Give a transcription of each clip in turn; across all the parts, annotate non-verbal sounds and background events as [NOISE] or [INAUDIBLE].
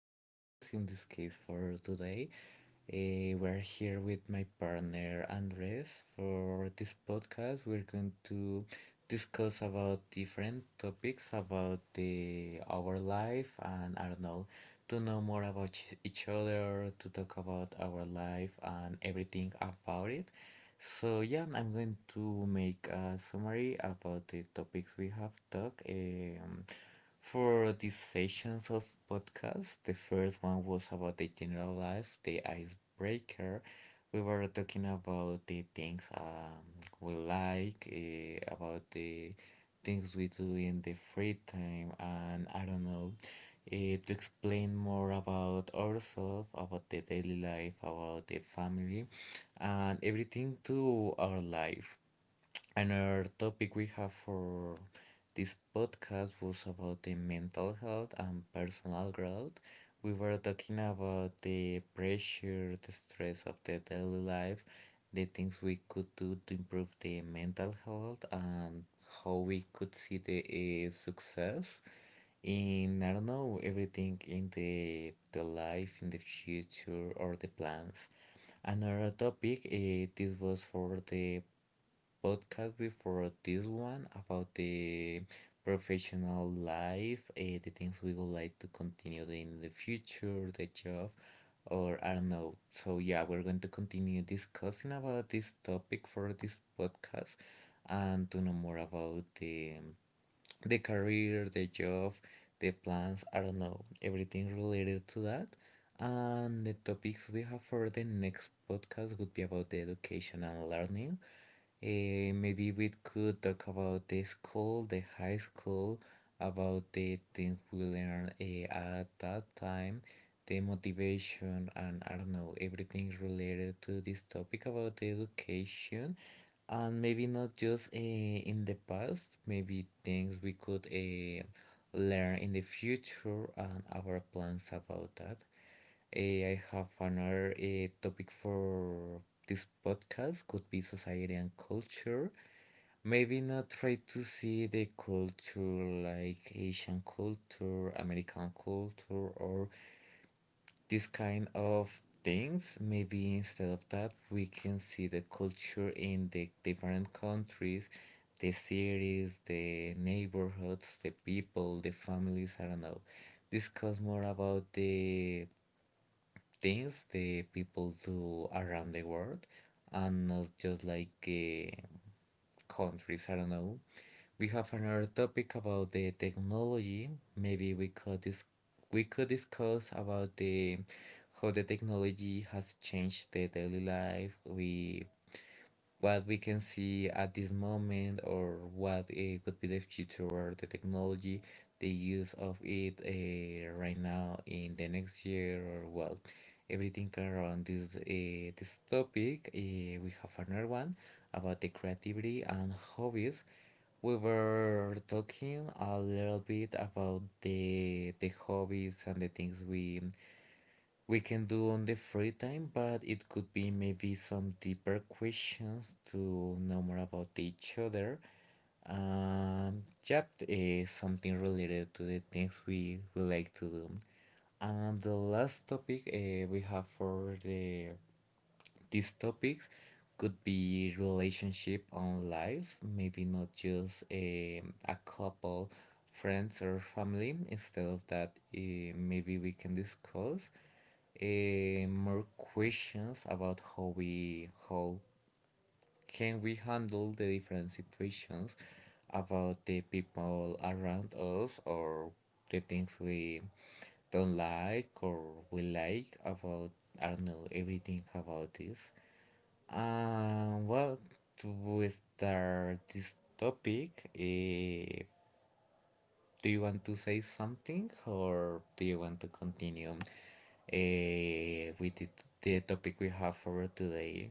podcast. In this case, for today, we're here with my partner Andres. For this podcast, we're going to discuss about different topics about the our life, and I don't know, to know more about each other, to talk about our life and everything about it. So yeah, I'm going to make a summary about the topics we have talked. For these sessions of podcast. The first one was about the general life, the icebreaker. We were talking about the things we like, about the things we do in the free time, and I don't know, to explain more about ourselves, about the daily life, about the family, and everything to our life. Another topic we have for this podcast was about the mental health and personal growth. We were talking about the pressure, the stress of the daily life, the things we could do to improve the mental health, and how we could see the success in, I don't know, everything in the life in the future or the plans. Another topic, this was for the podcast before this one about the professional life, the things we would like to continue in the future, the job, or I don't know. So yeah, we're going to continue discussing about this topic for this podcast and to know more about the career, the job, the plans, I don't know, everything related to that. And the topics we have for the next podcast would be about the education and learning. Maybe we could talk about the school, the high school, about the things we learned at that time, the motivation, and I don't know, everything related to this topic about the education. And maybe not just in the past, maybe things we could learn in the future and our plans about that. I have another topic for this podcast. Could be society and culture, maybe not try to see the culture like Asian culture, American culture, or this kind of things. Maybe instead of that, we can see the culture in the different countries, the cities, the neighborhoods, the people, the families. I don't know. Discuss more about the things the people do around the world and not just like countries. I don't know, we have another topic about the technology. Maybe we could we could discuss about the how the technology has changed the daily life. We what we can see at this moment, or what could be the future or the technology, the use of it right now in the next year, or well, everything around this topic. We have another one about the creativity and hobbies. We were talking a little bit about the hobbies and the things we can do on the free time, but it could be maybe some deeper questions to know more about each other. Yep, is something related to the things we like to do. And the last topic we have for the these topics could be relationship on life, maybe not just a couple, friends or family. Instead of that, maybe we can discuss more questions about how can we handle the different situations about the people around us or the things we don't like or we like about, I don't know, everything about this. Well, to start this topic, do you want to say something or do you want to continue with the topic we have for today?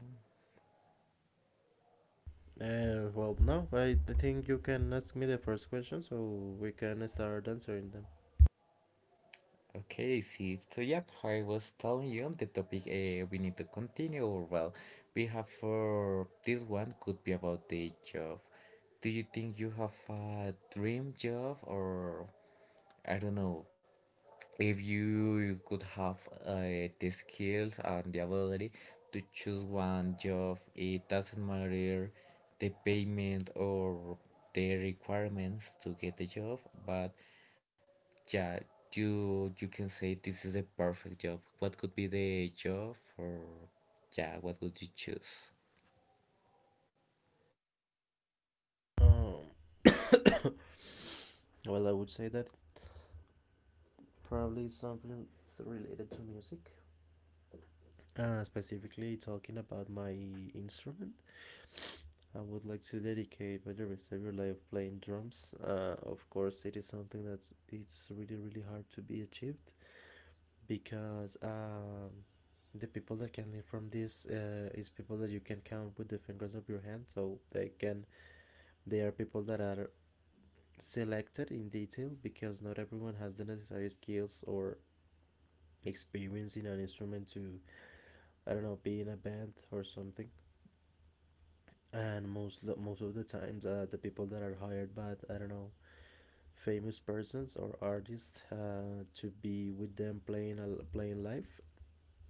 Well, no, I think you can ask me the first question so we can start answering them. Okay, see, so yeah, I was telling you on the topic we need to continue, or well, we have for this one. Could be about the job. Do you think you have a dream job, or I don't know, if you could have the skills and the ability to choose one job? It doesn't matter the payment or the requirements to get the job, but yeah, you can say this is the perfect job. What could be the job for, yeah, what would you choose? Um, [COUGHS] well, I would say that probably something related to music. Specifically, talking about my instrument, I would like to dedicate my rest of your life playing drums. Of course, it is something that's it's really really hard to be achieved because the people that can learn from this is people that you can count with the fingers of your hand. They are people that are selected in detail because not everyone has the necessary skills or experience in an instrument to, I don't know, be in a band or something. And most of the times, the people that are hired by I don't know famous persons or artists to be with them playing live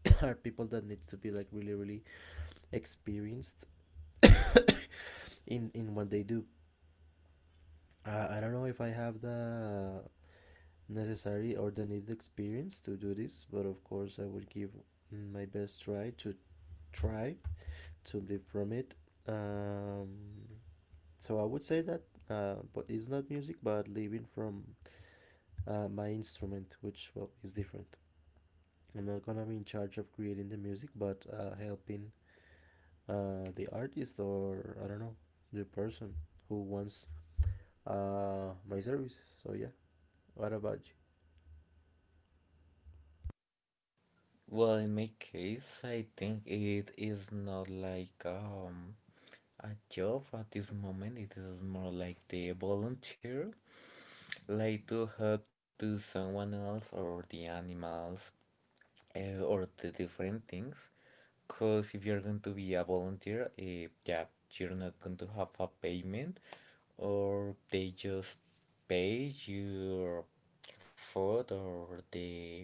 [COUGHS] are people that need to be like really really experienced in what they do. I don't know if I have the necessary or the needed experience to do this, but of course, I would give my best try to try to live from it. Um, so I would say that, but it's not music, but living from my instrument, which well is different. I'm not gonna be in charge of creating the music, but helping the artist or I don't know the person who wants my services. So yeah, what about Well, in my case, I think it is not like a job at this moment. It is more like the volunteer, like to help to someone else or the animals, or the different things, because if you're going to be a volunteer, yeah, you're not going to have a payment, or they just pay your food or the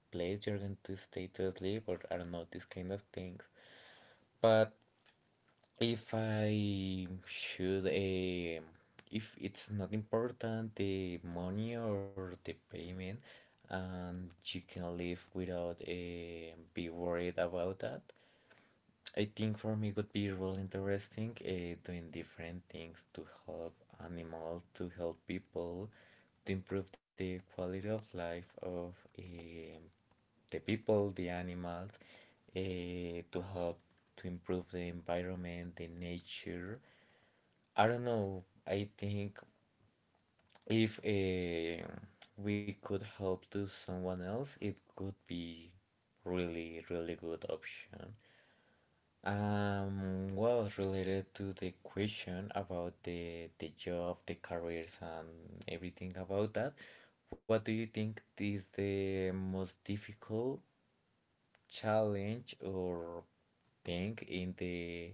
place you're going to stay to sleep, or I don't know, these kind of things. But if I should, if it's not important, the money or the payment, and you can live without be worried about that. I think for me would be really interesting, doing different things to help animals, to help people, to improve the quality of life of the people, the animals, to help to improve the environment, the nature. I don't know. I think if we could help to someone else, it could be really, really good option. Well, related to the question about the job, the careers, and everything about that, what do you think is the most difficult challenge or thing in the,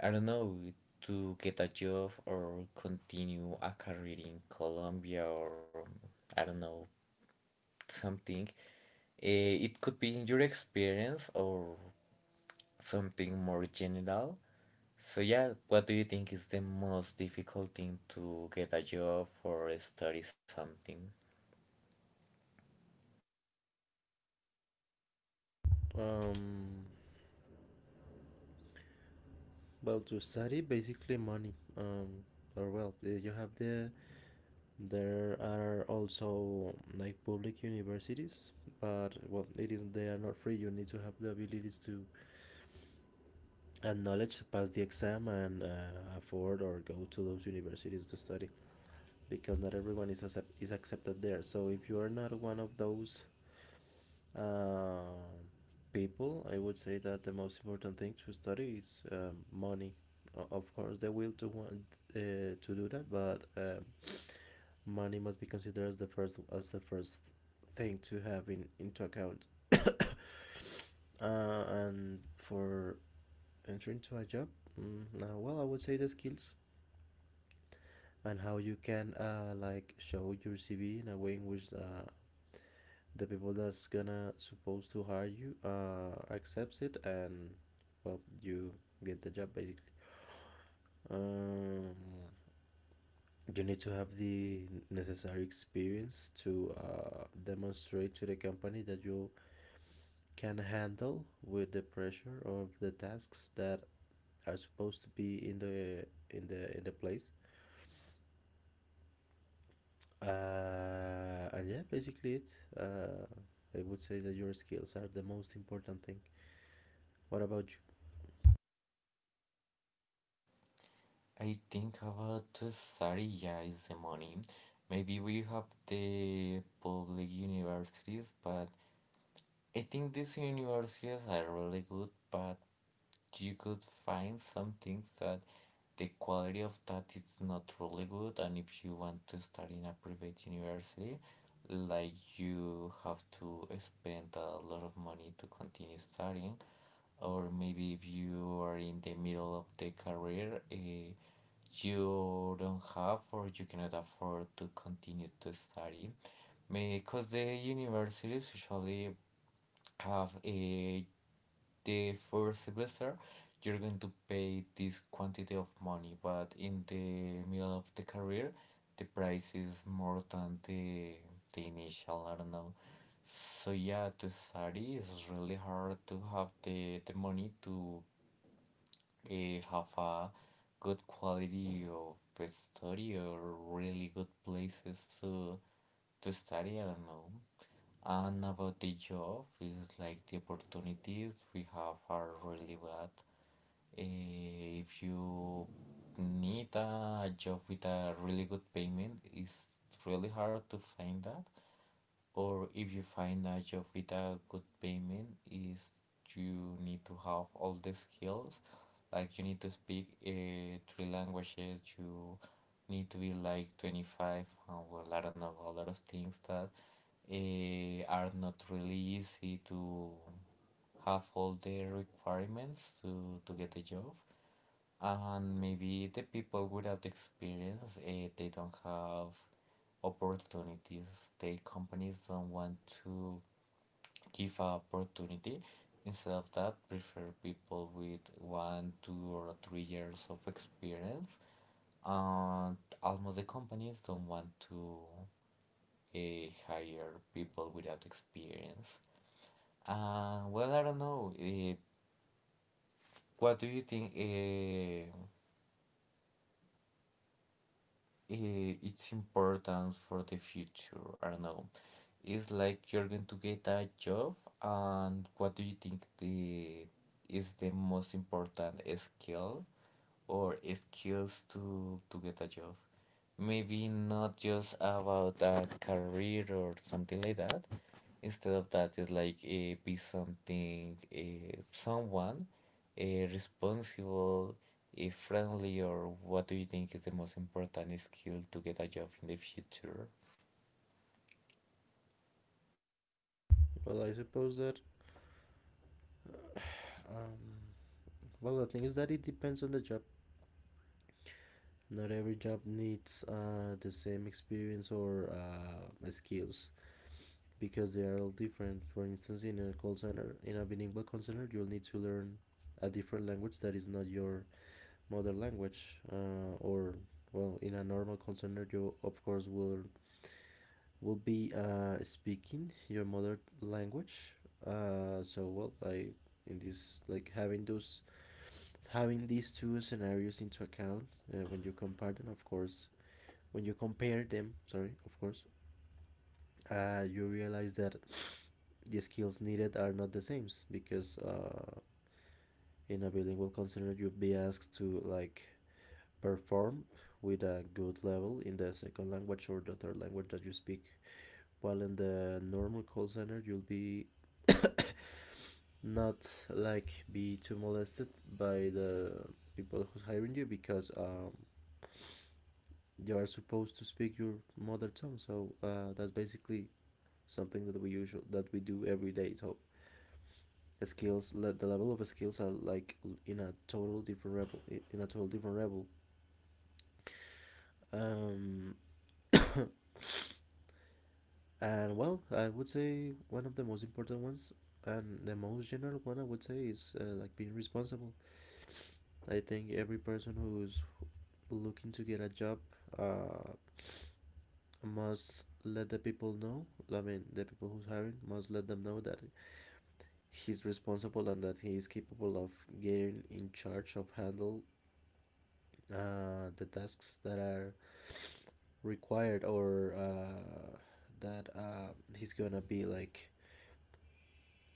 I don't know, to get a job or continue a career in Colombia, or I don't know, something. It could be in your experience or something more general. So yeah, what do you think is the most difficult thing to get a job or study something? you? Well, to study basically money. Or well, you have the there are also like public universities, but well, it is they are not free. You need to have the abilities to and knowledge to pass the exam and afford or go to those universities to study because not everyone is accepted there. So if you are not one of those Um, people, I would say that the most important thing to study is money. Of course, the will to want uh, to do that, but money must be considered as the first thing to have in into account. And for entering to a job, well, I would say the skills and how you can like show your CV in a way in which the people that's gonna supposed to hire you accepts it, and well, you get the job basically. um you need to have the necessary experience to demonstrate to the company that you can handle with the pressure of the tasks that are supposed to be in the place. And yeah, basically it. uh I would say that your skills are the most important thing. What about you? I think about Saturday is the money. Maybe we have the public universities, but I think these universities are really good, but you could find some things that the quality of that is not really good, and if you want to start in a private university, like, you have to spend a lot of money to continue studying, or maybe if you are in the middle of the career, you don't have, or you cannot afford to continue to study because the universities usually have a the first semester. You're going to pay this quantity of money, but in the middle of the career the price is more than the initial. I don't know. So yeah, to study is really hard to have the money to, have a good quality of study or really good places to study. I don't know. And about the job, it's like the opportunities we have are really bad. If you need a job with a really good payment, it's really hard to find that, or if you find a job with a good payment is, you need to have all the skills. Like, you need to speak three languages, you need to be like 25, well, I don't know, a lot of things that are not really easy to have all the requirements to get the job. And maybe the people without experience, they don't have opportunities. The companies don't want to give a opportunity. Instead of that, prefer people with 1, 2, or 3 years of experience. And almost the companies don't want to hire people without experience. Well, I don't know. What do you think? It's important for the future. I don't know. It's like you're going to get a job, and what do you think the is the most important skill or skills to get a job? Maybe not just about a career or something like that. Instead of that, it's like, be something, someone, uh, responsible, friendly. Or what do you think is the most important skill to get a job in the future? well i suppose that Well, the thing is that it depends on the job. Not every job needs the same experience or skills because they are all different. For instance, in a call center, in a bilingual call center, you'll need to learn a different language that is not your mother language. Well, in a normal call center, you of course will be speaking your mother language. So, well, I in this, like having these two scenarios into account, when you compare them, of course, when you compare them sorry, of course, you realize that the skills needed are not the same because, in a bilingual concern, you will be asked to like perform with a good level in the second language or the third language that you speak, while in the normal call center you'll be not like be too molested by the people who's hiring you, because you are supposed to speak your mother tongue. So that's basically something that we usual that we do every day. So the level of skills are like in a total different level. in a total different level um [COUGHS] and well, I would say one of the most important ones, and the most general one I would say is like being responsible. I think every person who's looking to get a job uh must let the people know. I mean, the people who's hiring must let them know that he's responsible and that he is capable of getting in charge of handle the tasks that are required, or that he's gonna be like,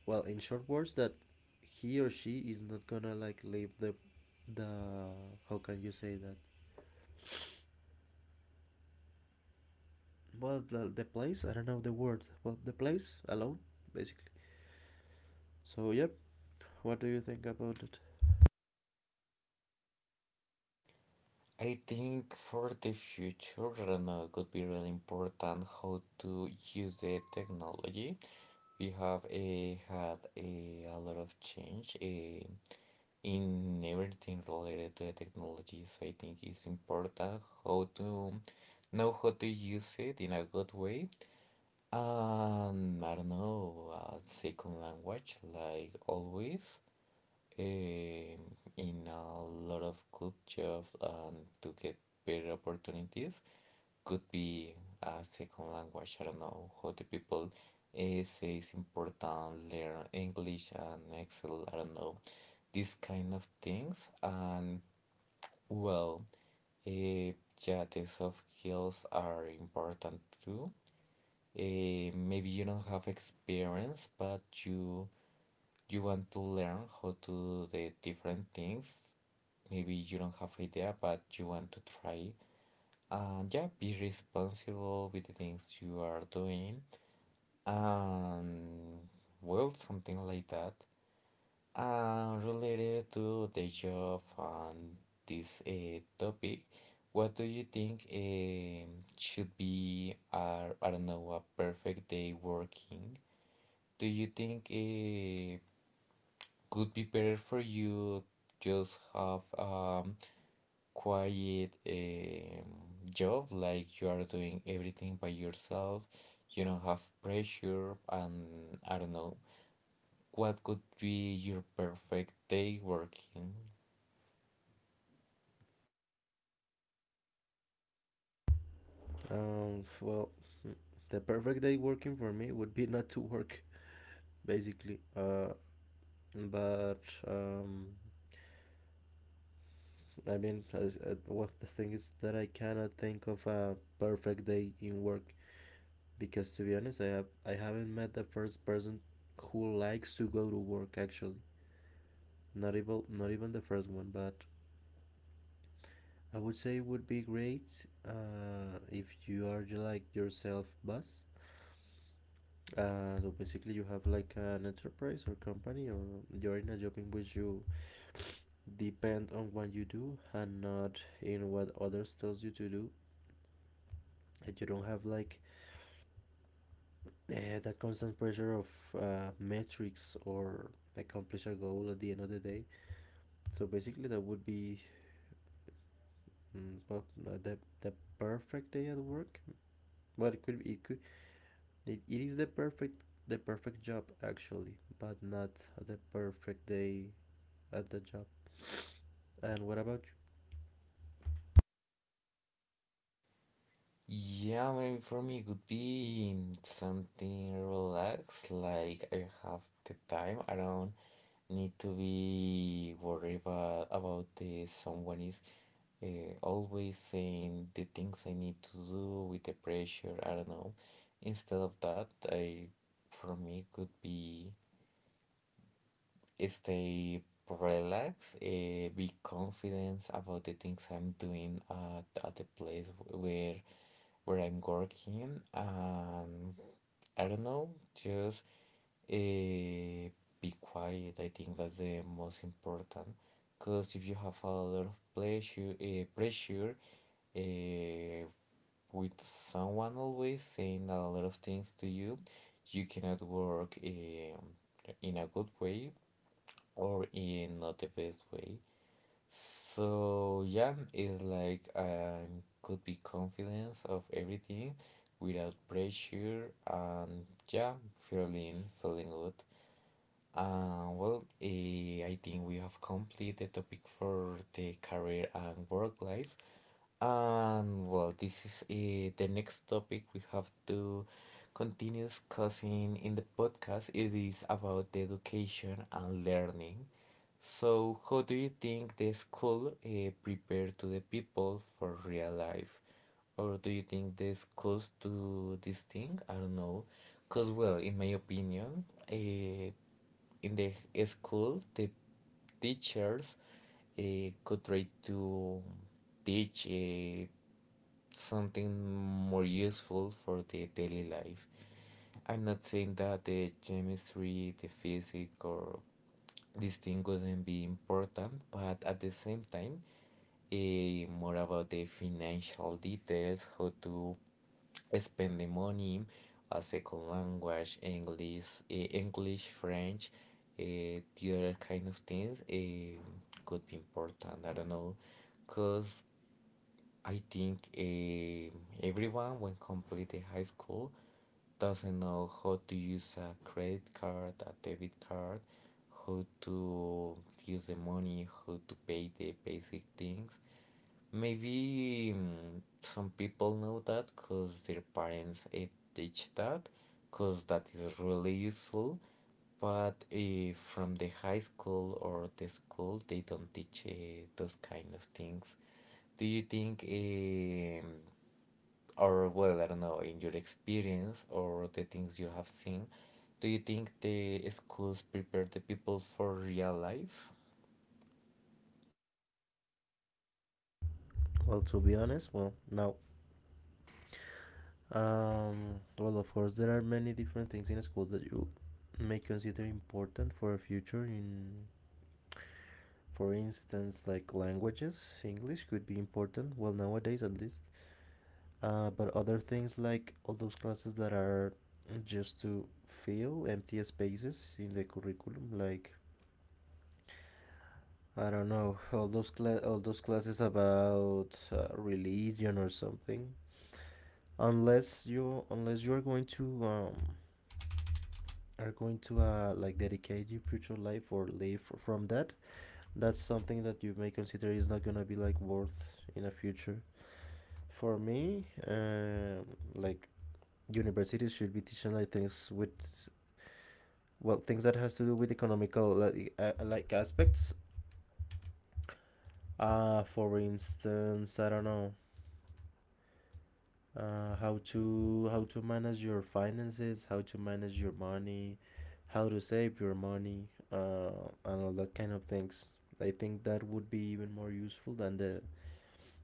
well, in short words, that he or she is not gonna like leave the, the how can you say that, well, the place, I don't know the word, well, the place alone basically. So yep, what do you think about it? I think for the future, I don't know, it could be really important how to use the technology. We had a lot of change a in everything related to the technology. So I think it's important how to know how to use it in a good way. And, I don't know, a second language, like always, in in a lot of good jobs, and to get better opportunities could be a second language. I don't know, how the people say it's important learn English and Excel. I don't know, these kind of things. And well, uh, yeah, the soft skills are important too. Maybe you don't have experience, but you want to learn how to do the different things. Maybe you don't have idea, but you want to try, and yeah, be responsible with the things you are doing, and well, something like that. And related to the job and this topic, what do you think should be, I don't know, a perfect day working? Do you think could be better for you just have a um, quiet job like you are doing everything by yourself? You don't have pressure and I don't know what could be your perfect day working? Um well the perfect day working for me would be not to work basically. But, I mean, well, the thing is that I cannot think of a perfect day in work because, to be honest, I haven't met the first person who likes to go to work. Actually, not even the first one, but I would say it would be great if you are like yourself boss. So basically, you have like an enterprise or company, or you're in a job in which you depend on what you do and not in what others tells you to do, and you don't have like that constant pressure of metrics or accomplish a goal at the end of the day. So basically, that would be the perfect day at work. Well, it could be, it could, it is the perfect job actually, but not the perfect day at the job. And what about you? Yeah, maybe for me it would be something relaxed, like I have the time. I don't need to be worried about the someone is always saying the things I need to do with the pressure. I don't know. Instead of that, I, for me could be stay relaxed, be confident about the things I'm doing at the place where I'm working and I don't know, just uh, be quiet. I think that's the most important because if you have a lot of pleasure, pressure uh, with someone always saying a lot of things to you, you cannot work in a good way or in not the best way. So yeah, it's like I could be confident of everything without pressure and yeah, feeling good. Well, I think we have completed the topic for the career and work life. And well, this is the next topic we have to continue discussing in the podcast. It is about the education and learning. So, how do you think the school prepare to the people for real life? Or do you think the schools do this thing? I don't know. Because, well, in my opinion, uh, in the school the teachers uh, could try to teach something more useful for the daily life. I'm not saying that the chemistry, the physics, or this thing wouldn't be important, but at the same time, more about the financial details, how to spend the money, a second language, English, English, French, the other kind of things could be important. I don't know, cause I think everyone, when completing high school, doesn't know how to use a credit card, a debit card, how to use the money, how to pay the basic things. Maybe some people know that because their parents teach that, because that is really useful. But from the high school or the school, they don't teach those kind of things. Do you think, or well, I don't know, in your experience or the things you have seen, do you think the schools prepare the people for real life? Well, to be honest, well, now, well, of course, there are many different things in school that you may consider important for a future in, for instance, like languages. English could be important, well, nowadays at least. But other things like all those classes that are just to fill empty spaces in the curriculum, like, I don't know, all those all those classes about religion or something, unless you are going to like dedicate your future life or live from that. That's something that you may consider is not gonna be like worth in the future. For me, like, universities should be teaching like things with, well, things that has to do with economical like, like, aspects. For instance, I don't know, how to manage your finances, how to manage your money, how to save your money, and all that kind of things. I think that would be even more useful than the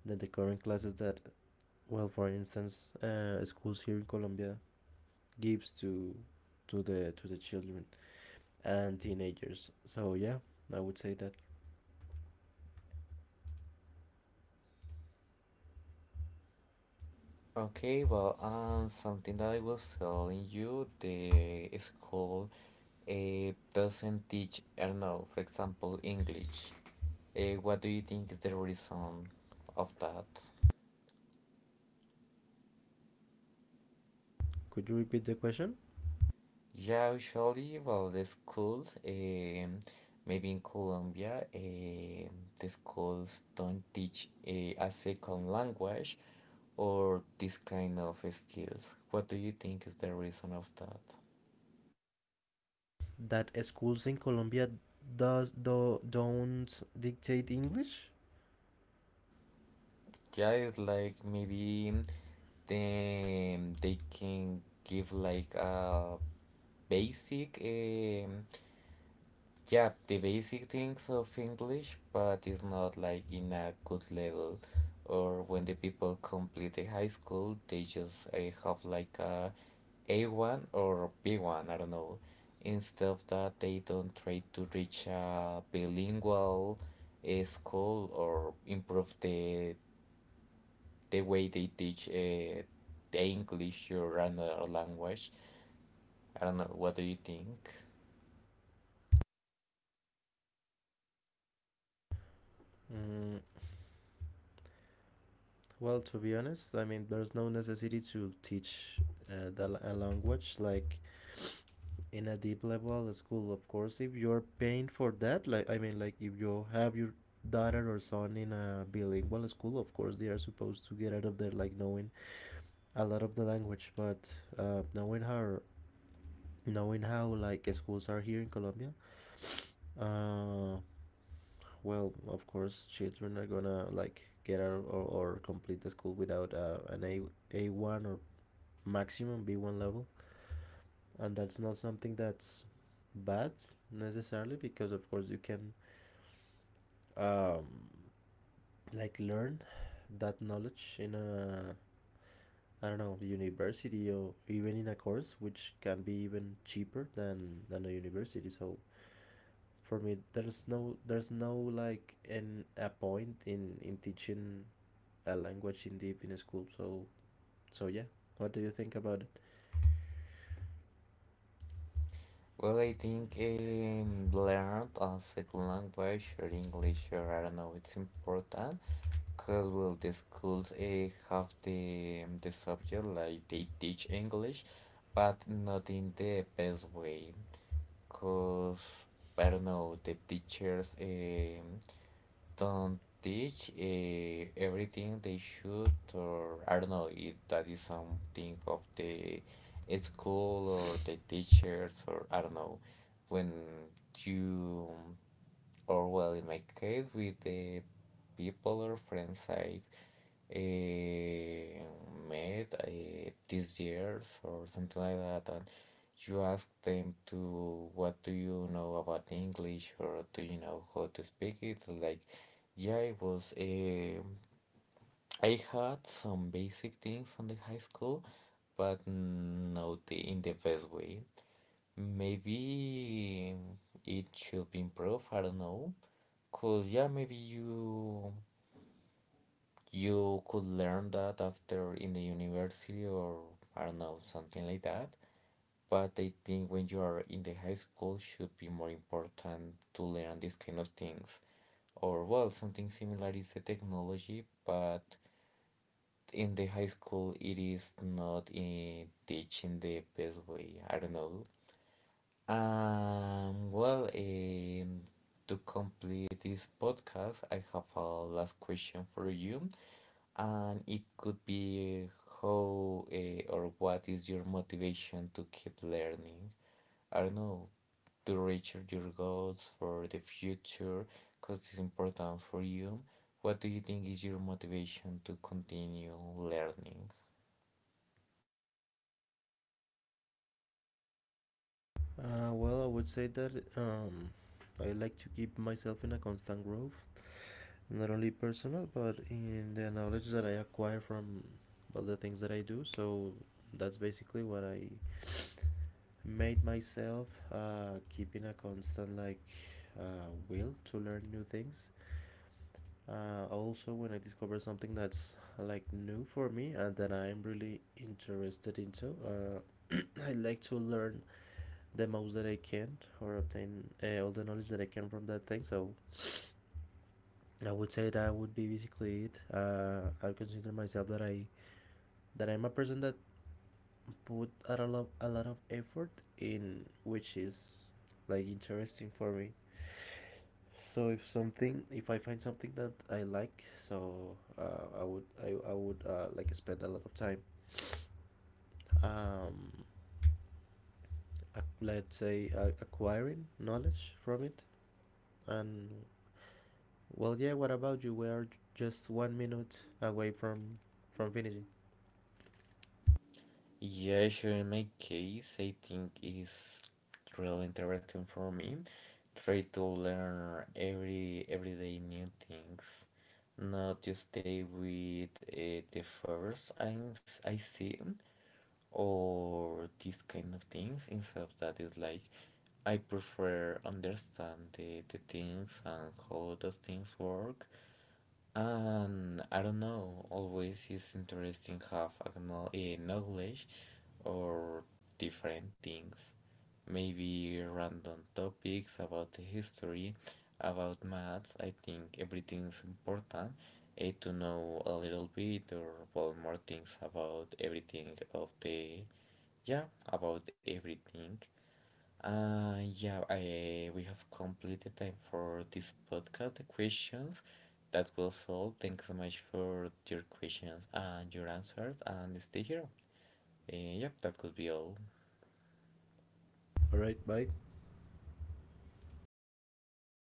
current classes that, well, for instance, schools here in Colombia gives to the children and teenagers. So yeah, I would say that. Okay, well, something that I was telling you, the school doesn't teach, I don't know, for example, English. What do you think is the reason of that? Could you repeat the question? Yeah, usually, well, the schools, maybe in Colombia, the schools don't teach a second language or this kind of skills. What do you think is the reason of that? That schools in Colombia does do don't dictate English? Yeah, it's like maybe then they can give like a basic yeah, the basic things of English, but it's not like in a good level. Or when the people complete the high school they just have like a A1 or B1, I don't know. Instead of that they don't try to reach a bilingual school or improve the way they teach the English or another language. I don't know. What do you think? Mm, well, to be honest, I mean there's no necessity to teach a language like in a deep level at school. Of course, if you're paying for that, like, I mean, like if you have your daughter or son in a bilingual school, of course they are supposed to get out of there like knowing a lot of the language, but uh, knowing how knowing how, like, schools are here in Colombia. uh, well, of course, children are gonna like get out, or complete the school without an A one or maximum B one level, and that's not something that's bad necessarily because of course you can, um, like, learn that knowledge in a, I don't know, university, or even in a course which can be even cheaper than a university. So for me, there's no like an a point in teaching a language in deep in a school. So yeah, what do you think about it? Well, I think learn a second language or English or I don't know. It's important because well, the schools have the subject like they teach English, but not in the best way. Cause I don't know the teachers. Don't teach everything they should, or I don't know if that is something of the school or the teachers, or I don't know when you or well, in my case, with the people or friends I've eh, met these years or something like that, and you ask them to what do you know about English or do you know how to speak it? Like, yeah, it was I had some basic things on the high school, but not the, in the best way. Maybe it should be improved. I don't know. Cause yeah, maybe you you could learn that after in the university or I don't know, something like that. But I think when you are in the high school should be more important to learn these kind of things. Or well, something similar is the technology, but in the high school it is not in teaching the best way. I don't know. Well, to complete this podcast, I have a last question for you. And it could be how or what is your motivation to keep learning? I don't know, to reach your goals for the future, because it's important for you. What do you think is your motivation to continue learning? Well, I would say that I like to keep myself in a constant growth, not only personal but in the knowledge that I acquire from all the things that I do. So that's basically what I made myself keeping a constant like will to learn new things. Also, when I discover something that's like new for me and that I'm really interested into, [CLEARS THROAT] I like to learn the most that I can or obtain all the knowledge that I can from that thing. So I would say that would be basically it. I consider myself that I that I'm a person that put a lot of effort in which is like interesting for me. So if something, if I find something that I like, so I would like spend a lot of time, um, let's say, acquiring knowledge from it. And well, yeah. What about you? We are just 1 minute away from finishing. Yeah, sure. In my case, I think it's really interesting for me. Try to learn everyday new things, not to stay with the first I see or these kind of things. Instead of that, is like I prefer understand the things and how those things work and I don't know, always it's interesting have a knowledge or different things. Maybe random topics about the history, about maths. I think everything's important to know a little bit or well, more things about everything of the, yeah, about everything. Yeah, we have completed time for this podcast, the questions. That was all. Thanks so much for your questions and your answers, and stay here. Yep, that could be all. All right. Bye.